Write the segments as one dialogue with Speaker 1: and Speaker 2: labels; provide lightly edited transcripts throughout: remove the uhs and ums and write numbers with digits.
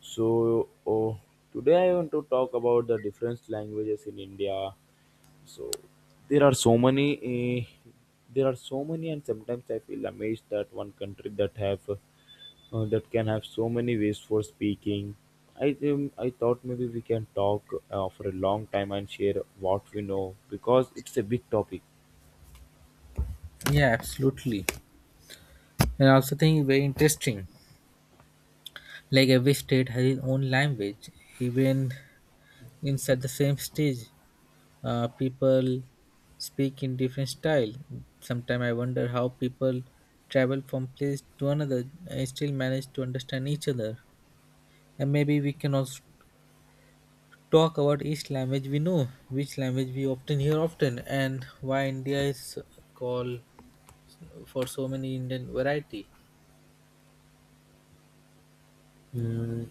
Speaker 1: So oh, today I want to talk about the different languages in India. So there are so many, eh, there are so many, and sometimes I feel amazed that one country that have that can have so many ways for speaking. I thought maybe we can talk for a long time and share what we know because it's a big topic.
Speaker 2: Yeah, absolutely. And I also think very interesting. Like every state has its own language. Even inside the same stage, people speak in different style. Sometimes I wonder how people travel from place to another and still manage to understand each other. And maybe we can also talk about each language we know, which language we often hear often, and why India is called for so many Indian variety.
Speaker 1: Hmm,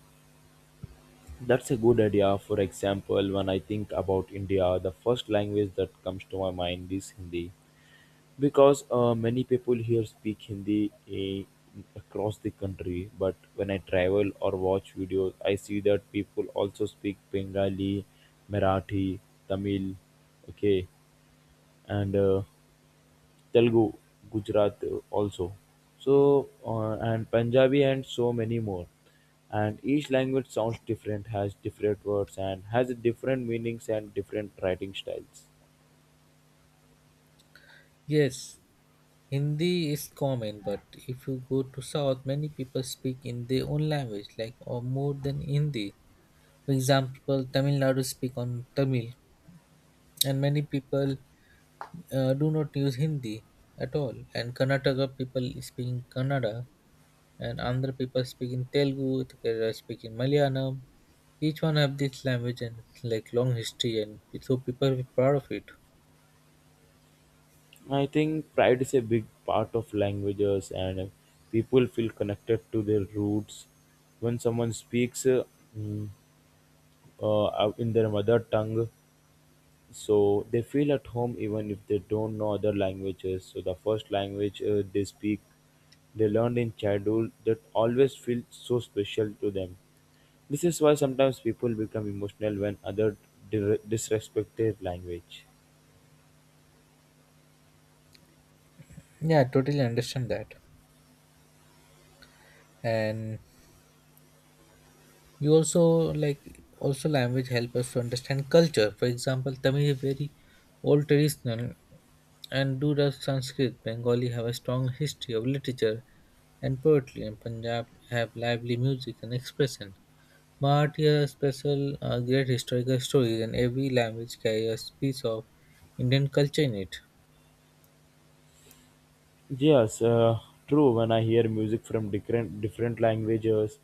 Speaker 1: that's a good idea. For example, when I think about India, the first language that comes to my mind is Hindi. Because many people here speak Hindi across the country. But when I travel or watch videos, I see that people also speak Bengali, Marathi, Tamil, okay, and Telugu, Gujarat also. And Punjabi and so many more. And each language sounds different, has different words, and has different meanings and different writing styles.
Speaker 2: Yes, Hindi is common, but if you go to South, many people speak in their own language, like or more than Hindi. For example, Tamil Nadu speak on Tamil, and many people do not use Hindi at all. And Karnataka people speak in Kannada, and Andhra people speak in Telugu, Kerala speak in Malayalam. Each one have this language and like long history, and so people are proud of it.
Speaker 1: I think pride is a big part of languages, and people feel connected to their roots. When someone speaks mm, in their mother tongue, so they feel at home even if they don't know other languages. So the first language they speak, they learned in childhood, that always feels so special to them. This is why sometimes people become emotional when others disrespect their language.
Speaker 2: Yeah, I totally understand that. And you also like also language help us to understand culture. For example, tamil is very old traditional, and do does sanskrit bengali have a strong history of literature and poetry, and punjab have lively music and expression. Marathi has special, great historical stories, and every language carries a piece of indian culture in it.
Speaker 1: Yes, true. When I hear music from different languages,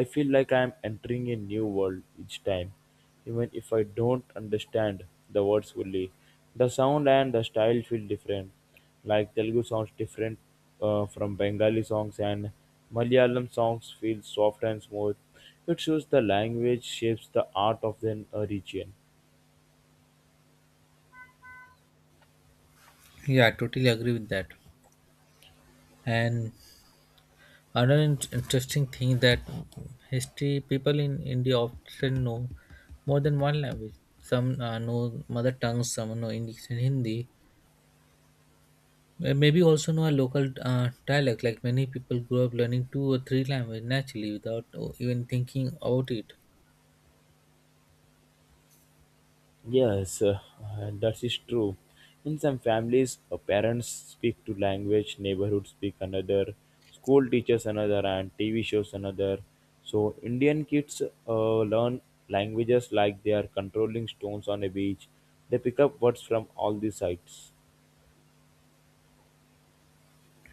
Speaker 1: I feel like I am entering a new world each time. Even if I don't understand the words fully, the sound and the style feel different. Like Telugu sounds different from Bengali songs, and Malayalam songs feel soft and smooth. It shows the language shapes the art of the region.
Speaker 2: Yeah, I totally agree with that. And another interesting thing, that history people in India often know more than one language. Some know mother tongue, some know English and Hindi. Maybe also know a local dialect. Like many people grow up learning two or three languages naturally without even thinking about it.
Speaker 1: Yes, that is true. In some families, parents speak to language, neighborhood speak another, school teachers another, and TV shows another. So Indian kids learn languages like they are controlling stones on a beach. They pick up words from all the sides.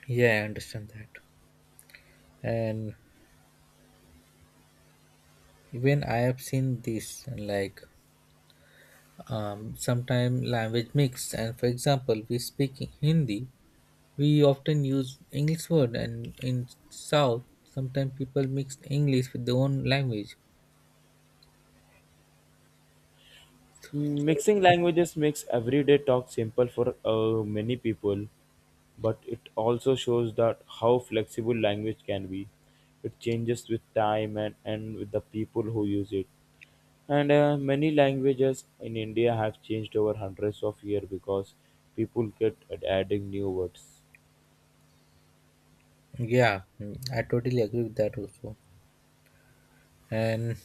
Speaker 2: Yeah, I understand that. And even I have seen this, like, sometime language mix. And for example, we speak Hindi we often use English word, and in South, sometimes people mix English with their own language.
Speaker 1: Mm,
Speaker 2: So,
Speaker 1: mixing languages makes everyday talk simple for many people. But it also shows that how flexible language can be. It changes with time and with the people who use it. And many languages in India have changed over hundreds of years because people get at adding new words.
Speaker 2: yeah, I totally agree with that also. And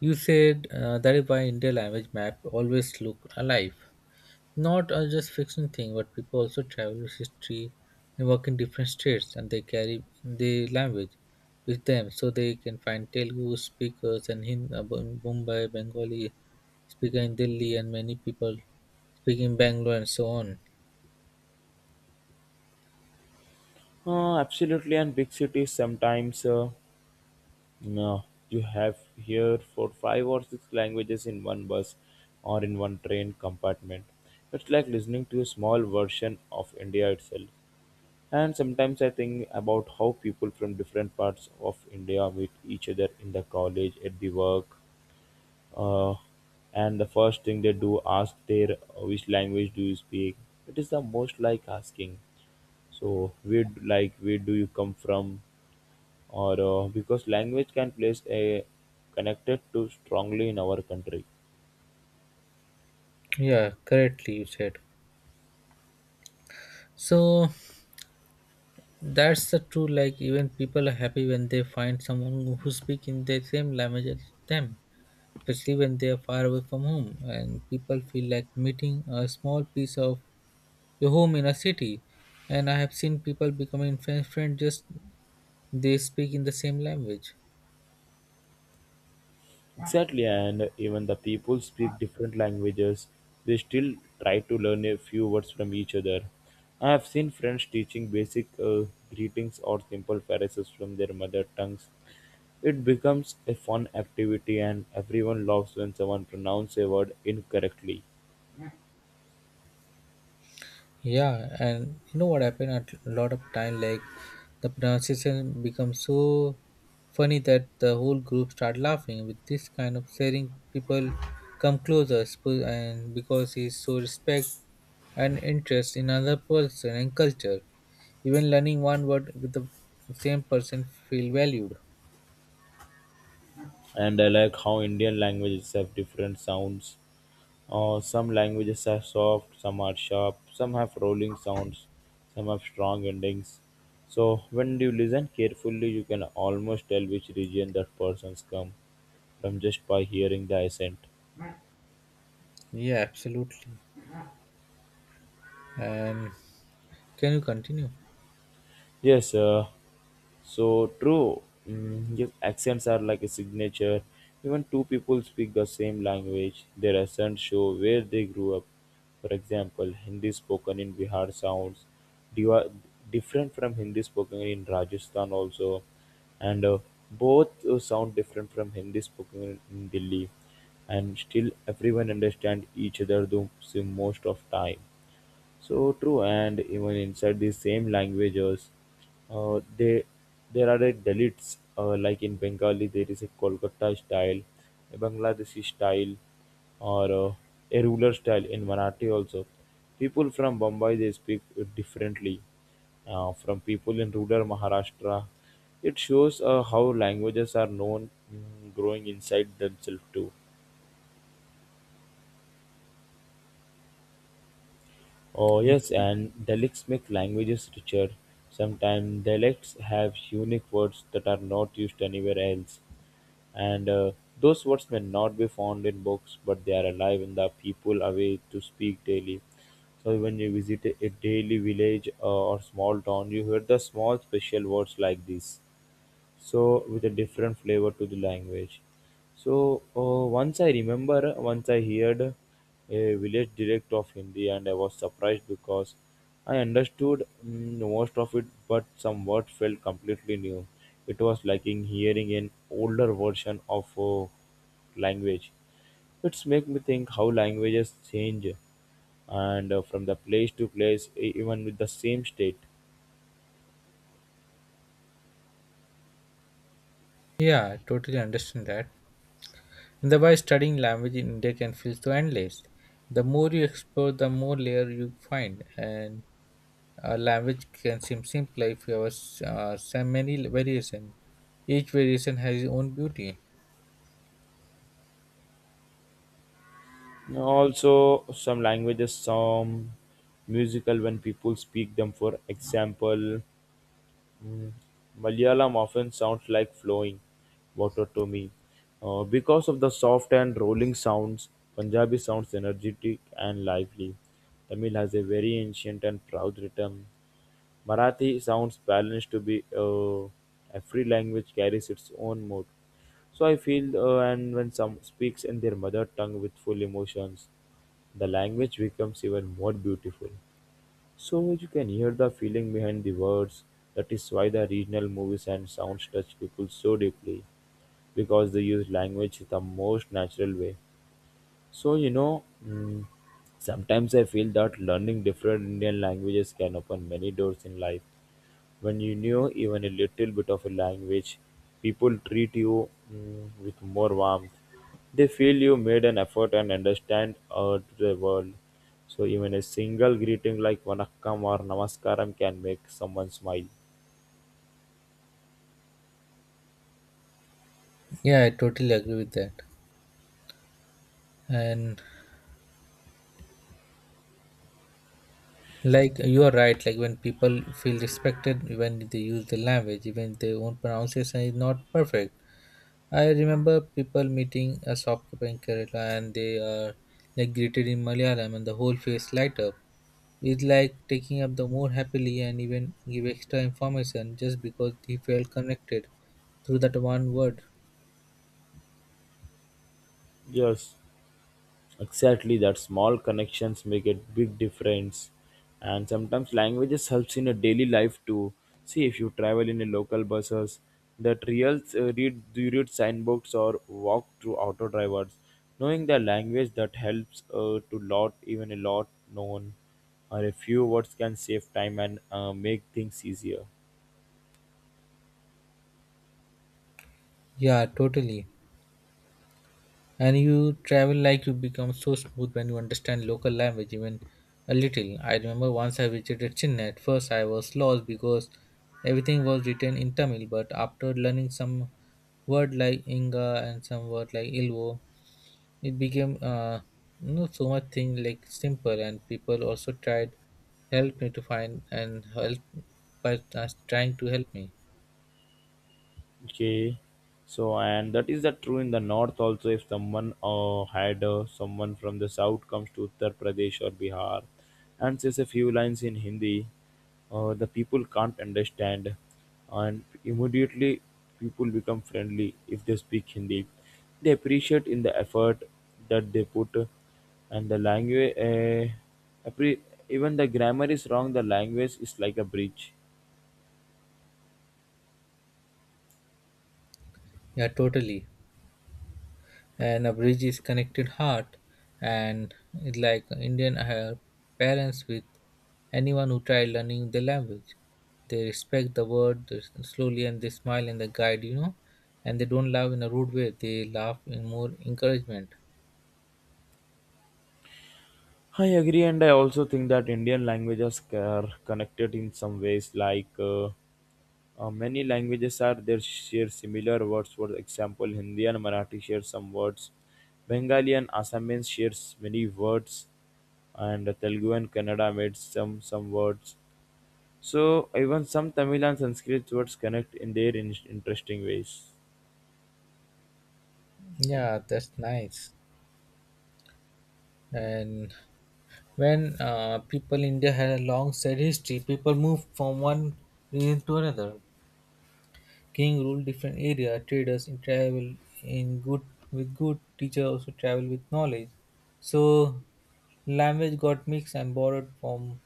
Speaker 2: you said that is why India language map always look alive. Not just fiction thing, but people also travel with history and work in different states, and they carry the language with them, so they can find Telugu speakers and Hindi, Mumbai, Bengali speaker in Delhi, and many people speaking Bangalore and so on.
Speaker 1: Absolutely, and big cities sometimes no, you have here for five or six languages in one bus or in one train compartment. It's like listening to a small version of India itself. And sometimes I think about how people from different parts of India meet each other in the college, at the work, uh, and the first thing they do ask their which language do you speak. It is the most like asking. So like where do you come from, or because language can place a connected to strongly in our country.
Speaker 2: Yeah, correctly you said. So that's the true. Like even people are happy when they find someone who speak in the same language as them, especially when they are far away from home, and people feel like meeting a small piece of your home in a city. And I have seen people becoming friends just they speak in the same language.
Speaker 1: Exactly, and even the people speak different languages, they still try to learn a few words from each other. I have seen friends teaching basic greetings or simple phrases from their mother tongues. It becomes a fun activity, and everyone laughs when someone pronounces a word incorrectly.
Speaker 2: Yeah, and you know what happened at a lot of time, like the pronunciation becomes so funny that the whole group start laughing. With this kind of sharing, people come closer, and because he so respect and interest in another person and culture, even learning one word with the same person feel valued.
Speaker 1: And I like how Indian languages have different sounds. Some languages are soft, some are sharp, some have rolling sounds, some have strong endings. So when you listen carefully, you can almost tell which region that person's come from just by hearing the accent.
Speaker 2: Yeah, absolutely. And can you continue?
Speaker 1: Yes, so true. Yes, accents are like a signature. Even two people speak the same language, their accents show where they grew up. For example, Hindi spoken in Bihar sounds diva- different from Hindi spoken in Rajasthan also, and both sound different from Hindi spoken in Delhi. And still, everyone understand each other though, so most of time. So true, and even inside the same languages, they there are the deletes. Like in Bengali, there is a Kolkata style, a Bangladeshi style, or a ruler style in Marathi also. People from Bombay they speak differently from people in rural Maharashtra. It shows how languages are known growing inside themselves too. Oh, yes, and dialects make languages richer. Sometimes dialects have unique words that are not used anywhere else. And those words may not be found in books, but they are alive in the people away to speak daily. So when you visit a daily village or small town, you hear the small special words like this, so with a different flavor to the language. So once I heard a village dialect of Hindi and I was surprised because I understood most of it, but some words felt completely new. It was like in hearing an older version of language. It's make me think how languages change and from the place to place, even with the same state.
Speaker 2: Yeah, I totally understand that. Thereby, studying language in India can feel so endless. The more you explore, the more layer you find, and a language can seem simpler if you have so many variation. Each variation has its own beauty.
Speaker 1: Also, some languages some musical when people speak them. For example, mm, Malayalam often sounds like flowing water to me. Because of the soft and rolling sounds, Punjabi sounds energetic and lively. Tamil has a very ancient and proud rhythm. Marathi sounds balanced to be every language carries its own mood. So I feel, and when some speaks in their mother tongue with full emotions, the language becomes even more beautiful. So you can hear the feeling behind the words. That is why the regional movies and sounds touch people so deeply because they use language in the most natural way. So, you know, sometimes I feel that learning different Indian languages can open many doors in life. When you know even a little bit of a language, people treat you with more warmth. They feel you made an effort and understand to the world. So, even a single greeting like Vanakkam or Namaskaram can make someone smile.
Speaker 2: Yeah, I totally agree with that. And like you are right, like when people feel respected when they use the language, even if their own pronunciation is not perfect. I remember people meeting a shopkeeper in Kerala, and they are like greeted in Malayalam, and the whole face light up. It's like taking up the more happily and even give extra information just because he felt connected through that one word.
Speaker 1: Yes. Exactly, that small connections make a big difference. And sometimes languages helps in a daily life too. See if you travel in a local buses, that real read signboards or walk through auto drivers. Knowing the language that helps to lot even a lot known or a few words can save time and make things easier.
Speaker 2: Yeah, totally. And you travel like you become so smooth when you understand local language even a little. I remember once I visited Chennai. At first, I was lost because everything was written in Tamil, but after learning some word like Inga and some word like Ilvo, it became not so much thing like simple, and people also tried help me to find and help by us trying to help me.
Speaker 1: Okay, so and that is the true in the north also. If someone had someone from the south comes to Uttar Pradesh or Bihar and says a few lines in Hindi, the people can't understand, and immediately people become friendly if they speak Hindi. They appreciate in the effort that they put, and the language. Appre- Even the grammar is wrong. The language is like a bridge.
Speaker 2: Yeah, totally. And a bridge is connected heart, and it's like Indian parents with anyone who try learning the language. They respect the word they slowly, and they smile and they guide, and they don't laugh in a rude way. They laugh in more encouragement.
Speaker 1: I agree, and I also think that Indian languages are connected in some ways, like many languages are there share similar words. For example, Hindi and Marathi share some words. Bengali and Assamese shares many words, and Telugu and Kannada made some words. So even some Tamil and Sanskrit words connect in their interesting ways.
Speaker 2: Yeah, that's nice. And when people India had a long sad history, people moved from one region to another. King ruled different area. Traders in travel in good with good. Teacher also travel with knowledge. So language got mixed and borrowed from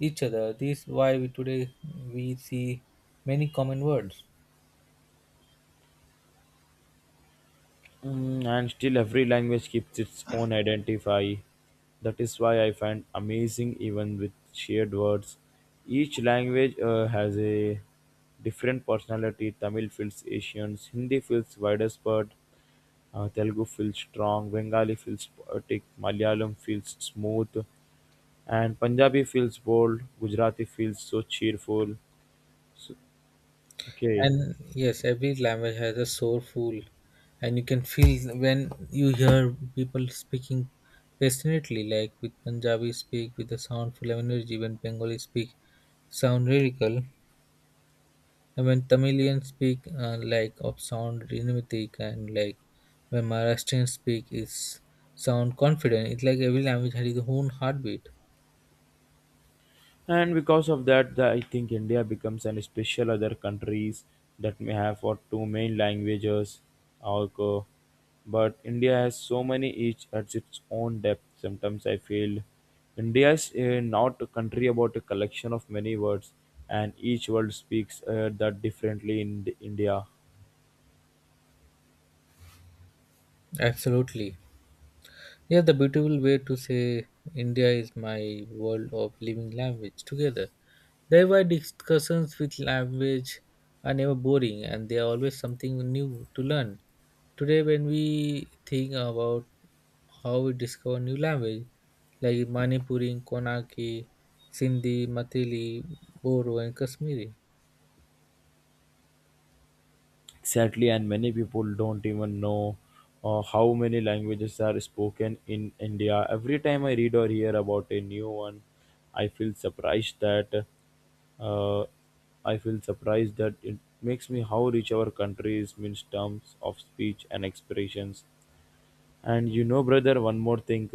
Speaker 2: each other. This is why we today we see many common words.
Speaker 1: And still every language keeps its own identify. That is why I find amazing even with shared words. Each language has a different personality. Tamil feels Asian, Hindi feels widespread, Telugu feels strong, Bengali feels poetic, Malayalam feels smooth, and Punjabi feels bold, Gujarati feels so cheerful. So, okay.
Speaker 2: And yes, every language has a soulful, and you can feel when you hear people speaking passionately, like with Punjabi speak with a sound full of energy, when Bengali speak sound lyrical, and when Tamilian speak, like of sound rhythmic, and like when Maharashtrian speak is sound confident. It's like every language has its own heartbeat.
Speaker 1: And because of that I think India becomes an special other countries that may have for two main languages also, but India has so many, each at its own depth. Sometimes I feel India is not a country about a collection of many words, and each word speaks that differently in India.
Speaker 2: Absolutely. Yeah, the beautiful way to say India is my world of living language together. Thereby, discussions with language are never boring, and they are always something new to learn. Today, when we think about how we discover new language like Manipuri, Konaki, Sindhi, Mathili, Boro, and Kashmiri.
Speaker 1: Sadly, and many people don't even know how many languages are spoken in India. Every time I read or hear about a new one, I feel surprised that uh, I feel surprised that it makes me how rich our country is means terms of speech and expressions. And you know, brother, one more thing.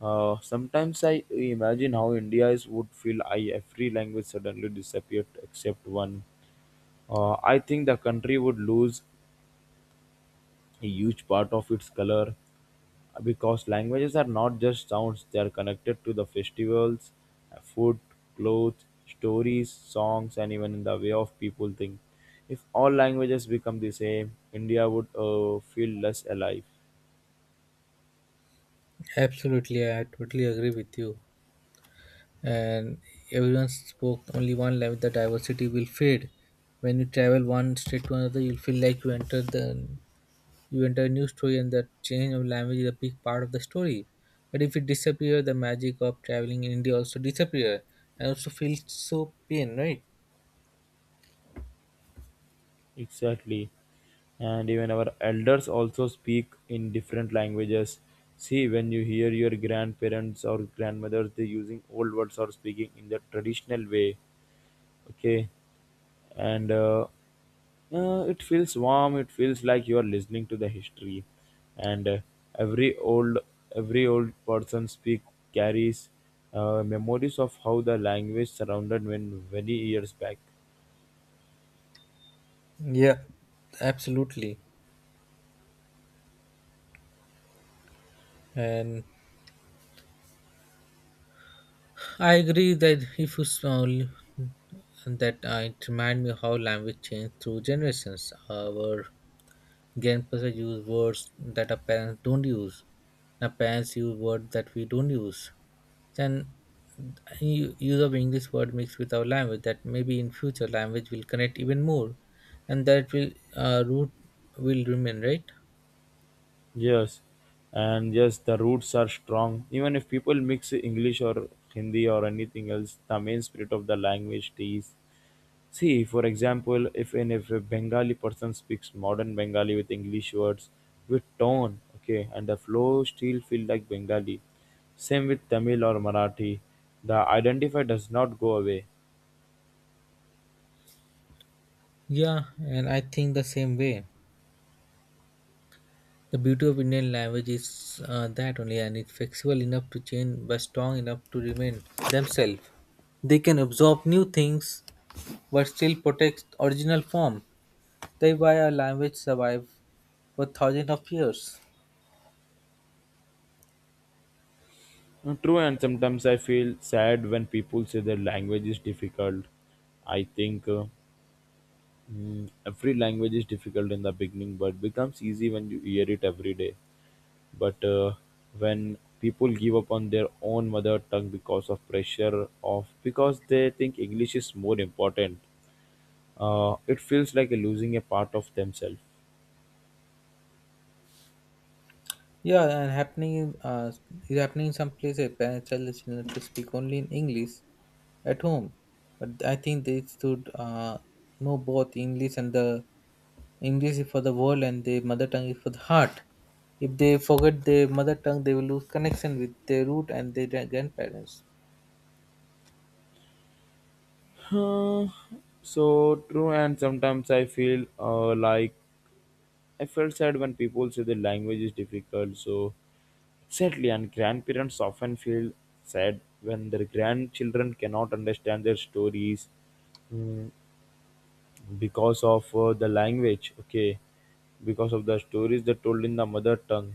Speaker 1: Sometimes I imagine how India is would feel I every language suddenly disappeared except one. I think the country would lose a huge part of its color because languages are not just sounds, they are connected to the festivals, food, clothes, stories, songs, and even in the way of people think. If all languages become the same, India would feel less alive.
Speaker 2: Absolutely, I totally agree with you. And everyone spoke only one language, the diversity will fade. When you travel one state to another, you'll feel like you enter a new story, and the change of language is a big part of the story. But if it disappears, the magic of traveling in India also disappear, and also feels so pain, right?
Speaker 1: Exactly, and even our elders also speak in different languages. See, when you hear your grandparents or grandmothers they using old words or speaking in the traditional way, okay, and it feels warm. It feels like you are listening to the history. And every old every old person speak carries memories of how the language surrounded when many years back.
Speaker 2: Yeah, absolutely. And I agree that if you small that, it remind me how language changed through generations. Our grandparents use words that our parents don't use. Our parents use words that we don't use. Then use of English word mixed with our language, that maybe in future language will connect even more, and that will, root will remain right.
Speaker 1: Yes, and yes, the roots are strong. Even if people mix English or Hindi or anything else, the main spirit of the language stays. See, for example, if a Bengali person speaks modern Bengali with English words, with tone, okay, and the flow still feel like Bengali. Same with Tamil or Marathi, the identifier does not go away.
Speaker 2: Yeah, and I think the same way. The beauty of Indian language is, that only, and it's flexible enough to change, but strong enough to remain themselves. They can absorb new things, but still protect original form. That's why our language survived for thousands of years.
Speaker 1: Mm, true, and sometimes I feel sad when people say their language is difficult. I think. Every language is difficult in the beginning, but becomes easy when you hear it every day. But When people give up on their own mother tongue because of pressure of because they think English is more important, it feels like losing a part of themselves.
Speaker 2: Yeah, and is happening in some places. Parents tell the children to speak only in English at home, but I think they should know both English and the English is for the world and the mother tongue is for the heart. If they forget their mother tongue, they will lose connection with their root and their grandparents.
Speaker 1: Huh, so true, and sometimes I feel like I felt sad when people say the language is difficult. So sadly, and grandparents often feel sad when their grandchildren cannot understand their stories mm, because of the language, okay, because of the stories they told in the mother tongue.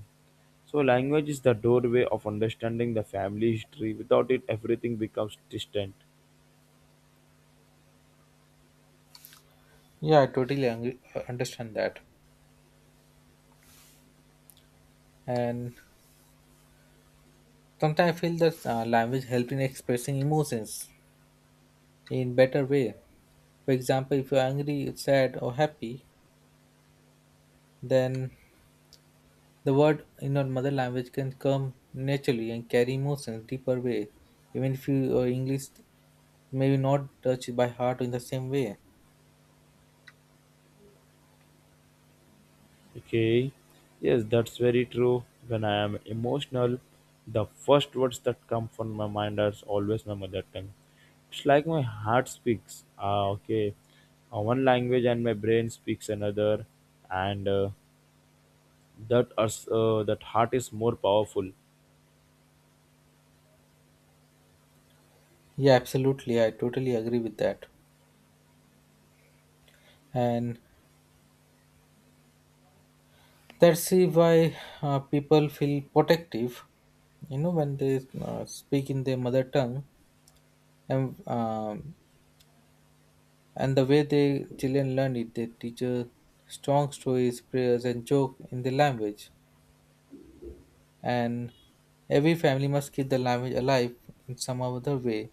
Speaker 1: So, language is the doorway of understanding the family history. Without it, everything becomes distant.
Speaker 2: Yeah, I totally understand that. And sometimes I feel that language helps in expressing emotions in better way. For example, if you're angry, sad, or happy, then the word in our mother language can come naturally and carry emotions deeper way. Even if you, English maybe not touch it by heart in the same way.
Speaker 1: Okay. Yes, that's very true. When I am emotional, the first words that come from my mind are always my mother tongue. It's like my heart speaks. Ah, okay. One language and my brain speaks another, and that heart is more powerful.
Speaker 2: Yeah, absolutely. I totally agree with that. And that's the why people feel protective, when they speak in their mother tongue. And, um, and the way they children learn it, they teach, strong stories, prayers, and joke in the language. And every family must keep the language alive in some other way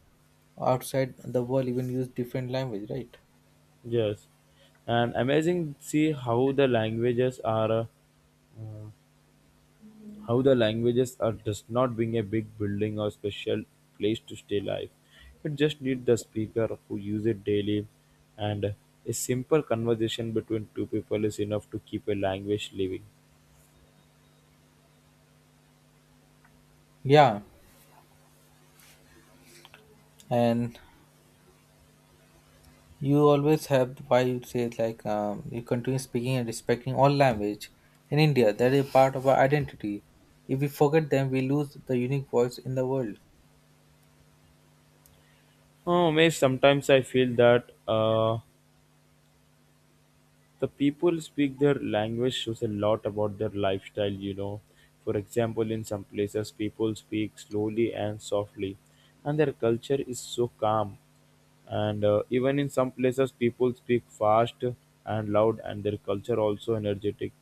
Speaker 2: outside the world, even use different language, right?
Speaker 1: Yes, and amazing. See how the languages are. How the languages are does not being a big building or special place to stay live. You just need the speaker who use it daily and a simple conversation between two people is enough to keep a language living.
Speaker 2: Yeah, and you always have why you say, like, you continue speaking and respecting all language in India, that is part of our identity. If we forget them, we lose the unique voice in the world.
Speaker 1: Oh, may sometimes I feel that the people speak their language shows a lot about their lifestyle, you know, for example, in some places people speak slowly and softly, and their culture is so calm, and even in some places people speak fast and loud, and their culture also energetic.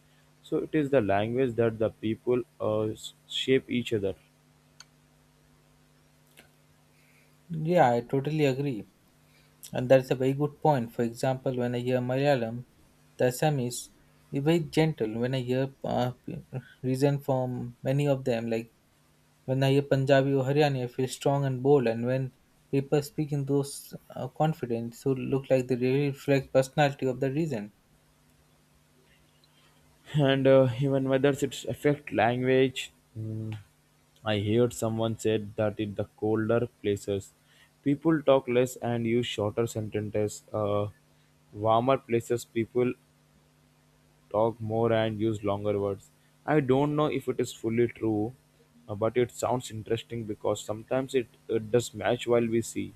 Speaker 1: So it is the language that the people shape each other.
Speaker 2: Yeah, I totally agree. And that's a very good point. For example, when I hear Malayalam, the Assamese is very gentle. When I hear, reason from many of them, like when I hear Punjabi or Haryani, I feel strong and bold. And when people speak in those, confident, so look like they really reflect personality of the region.
Speaker 1: And even whether it's affect language, mm, I heard someone said that in the colder places people talk less and use shorter sentences. Warmer places people talk more and use longer words. I don't know if it is fully true, but it sounds interesting because sometimes it does match while we see.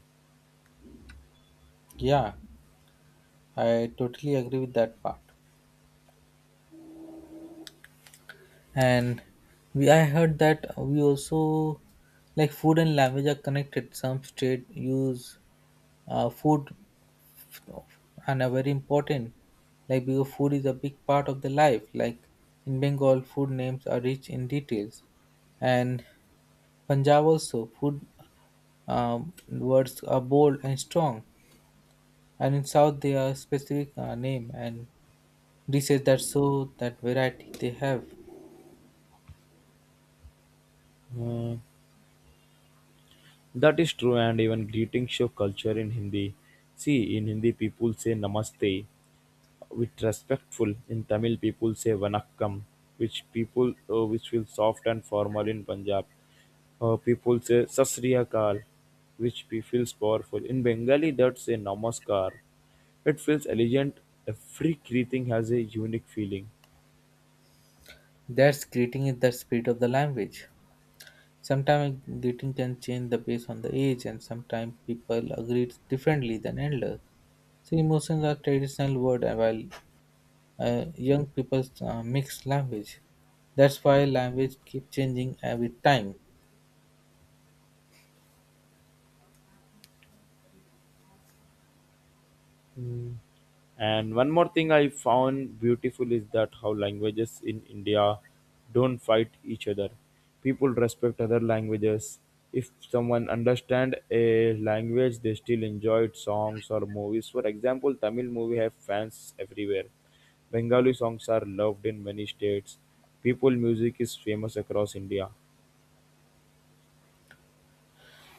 Speaker 2: Yeah, I totally agree with that part. And we I heard that we also like food and language are connected. Some state use, food and are very important, like because food is a big part of the life, like in bengal food names are rich in details, and punjab also food, words are bold and strong, and in south they are specific, name and dishes that show that variety they have.
Speaker 1: uh, that is true, and even greeting show culture in Hindi. See, in Hindi people say namaste with respectful. In Tamil people say vanakkam, which people, which feels soft and formal. In Punjab, people say sasriyakal, which feels powerful. In Bengali, that's a namaskar. It feels elegant. Every greeting has a unique feeling.
Speaker 2: That's greeting is the spirit of the language. Sometimes greeting can change the based on the age, and sometimes people agree differently than elders, so emotions are traditional word, while, young people, mix language. That's why language keep changing with time.
Speaker 1: And one more thing I found beautiful is that how languages in India don't fight each other. People respect other languages. If someone understand a language, they still enjoyed songs or movies. For example, Tamil movie have fans everywhere. Bengali songs are loved in many states. People music is famous across India.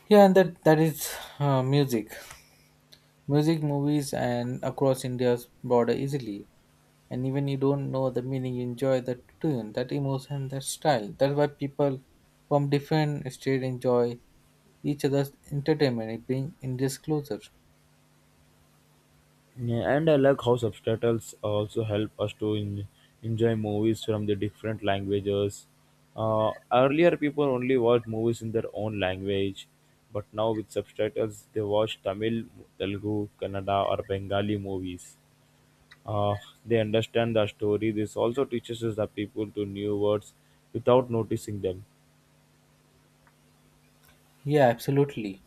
Speaker 2: Yeah, and that is, uh, music, music, movies, and across India's border easily. And even you don't know the meaning, you enjoy the tune, that emotion, that style. That's why people from different state enjoy each other's entertainment. It bring India's closer.
Speaker 1: Yeah, and I like how subtitles also help us to enjoy movies from the different languages. Earlier, people only watched movies in their own language, but now with subtitles, they watch Tamil, Telugu, Kannada, or Bengali movies. Uh, they understand the story. This also teaches us the people to new words without noticing them.
Speaker 2: Yeah, absolutely.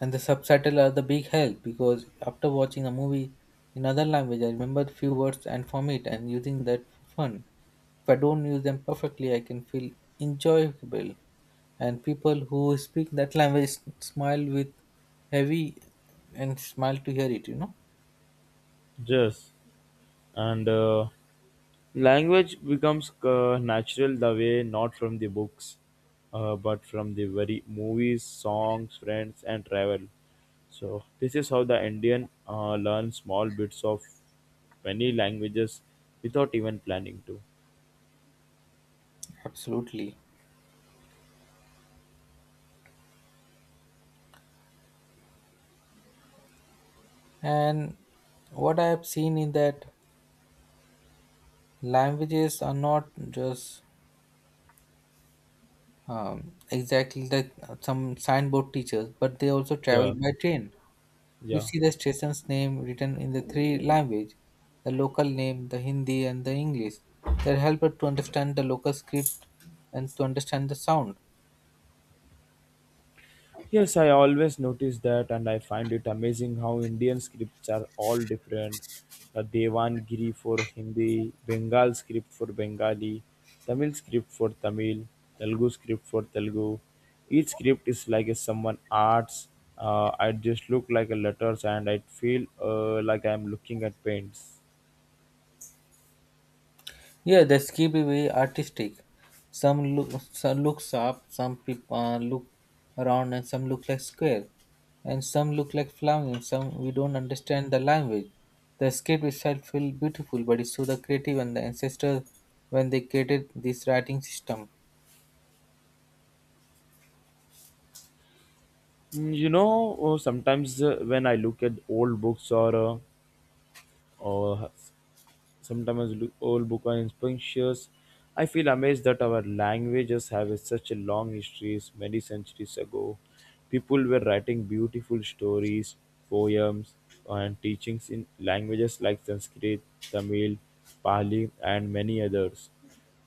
Speaker 2: And the subtitle are the big help, because after watching a movie in other language, I remember few words and form it and using that for fun. If I don't use them perfectly, I can feel enjoyable, and people who speak that language smile with heavy and smile to hear it.
Speaker 1: Yes. and Language becomes natural the way, not from the books, but from the very movies, songs, friends, and travel. So this is how the Indian learns small bits of many languages without even planning to.
Speaker 2: Absolutely. And what I have seen in that, languages are not just, exactly that, some signboard teachers, but they also travel
Speaker 1: Yeah,
Speaker 2: by train. You
Speaker 1: yeah.
Speaker 2: see the station's name written in the three language, the local name, the Hindi and the English. That help us to understand the local script and to understand the sound.
Speaker 1: Yes, I always notice that, and I find it amazing how Indian scripts are all different. The Devanagari for Hindi, Bengal script for Bengali, Tamil script for Tamil, Telugu script for Telugu. Each script is like a someone arts. I just look like a letters, and I feel like I am looking at paints.
Speaker 2: Yeah, the skip is very artistic. Some look some look sharp, some people, look around, and some look like square, and some look like flamingo. Some we don't understand the language. The script itself feels beautiful, but it's through the creative and the ancestors when they created this writing system.
Speaker 1: Mm, you know, sometimes when I look at old books or sometimes old book are inspirations. I feel amazed that our languages have such a long history. Many centuries ago, people were writing beautiful stories, poems, and teachings in languages like Sanskrit, Tamil, Pali, and many others.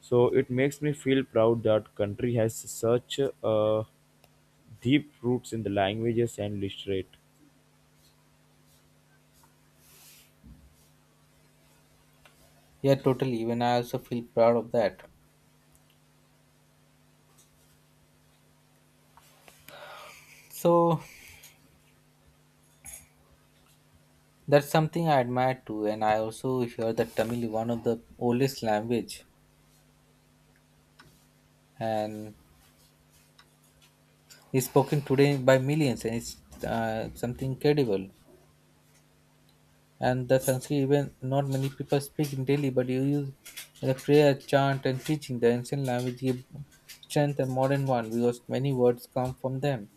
Speaker 1: So it makes me feel proud that country has such deep roots in the languages and literature.
Speaker 2: Yeah, totally. Even I also feel proud of that. So that's something I admire too. And I also hear that Tamil is one of the oldest language and is spoken today by millions, and it's, something incredible. And the Sanskrit even not many people speak in daily, but you use the prayer, chant and teaching. The ancient language give strength and modern one because many words come from them.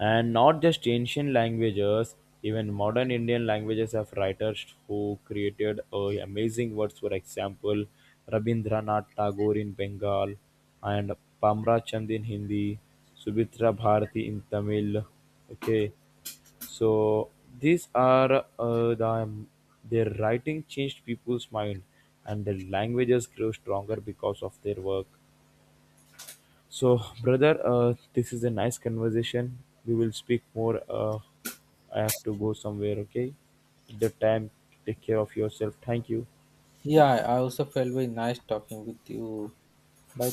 Speaker 1: And not just ancient languages, even modern Indian languages have writers who created amazing words. For example, Rabindranath Tagore in Bengal, and Pamra Chand in Hindi, Subhitra Bharati in Tamil. Okay, so these are their writing changed people's mind, and their languages grew stronger because of their work. So, brother, this is a nice conversation. We will speak more. I have to go somewhere. Okay, the time. Take care of yourself. Thank you.
Speaker 2: Yeah, I also felt very nice talking with you. Bye.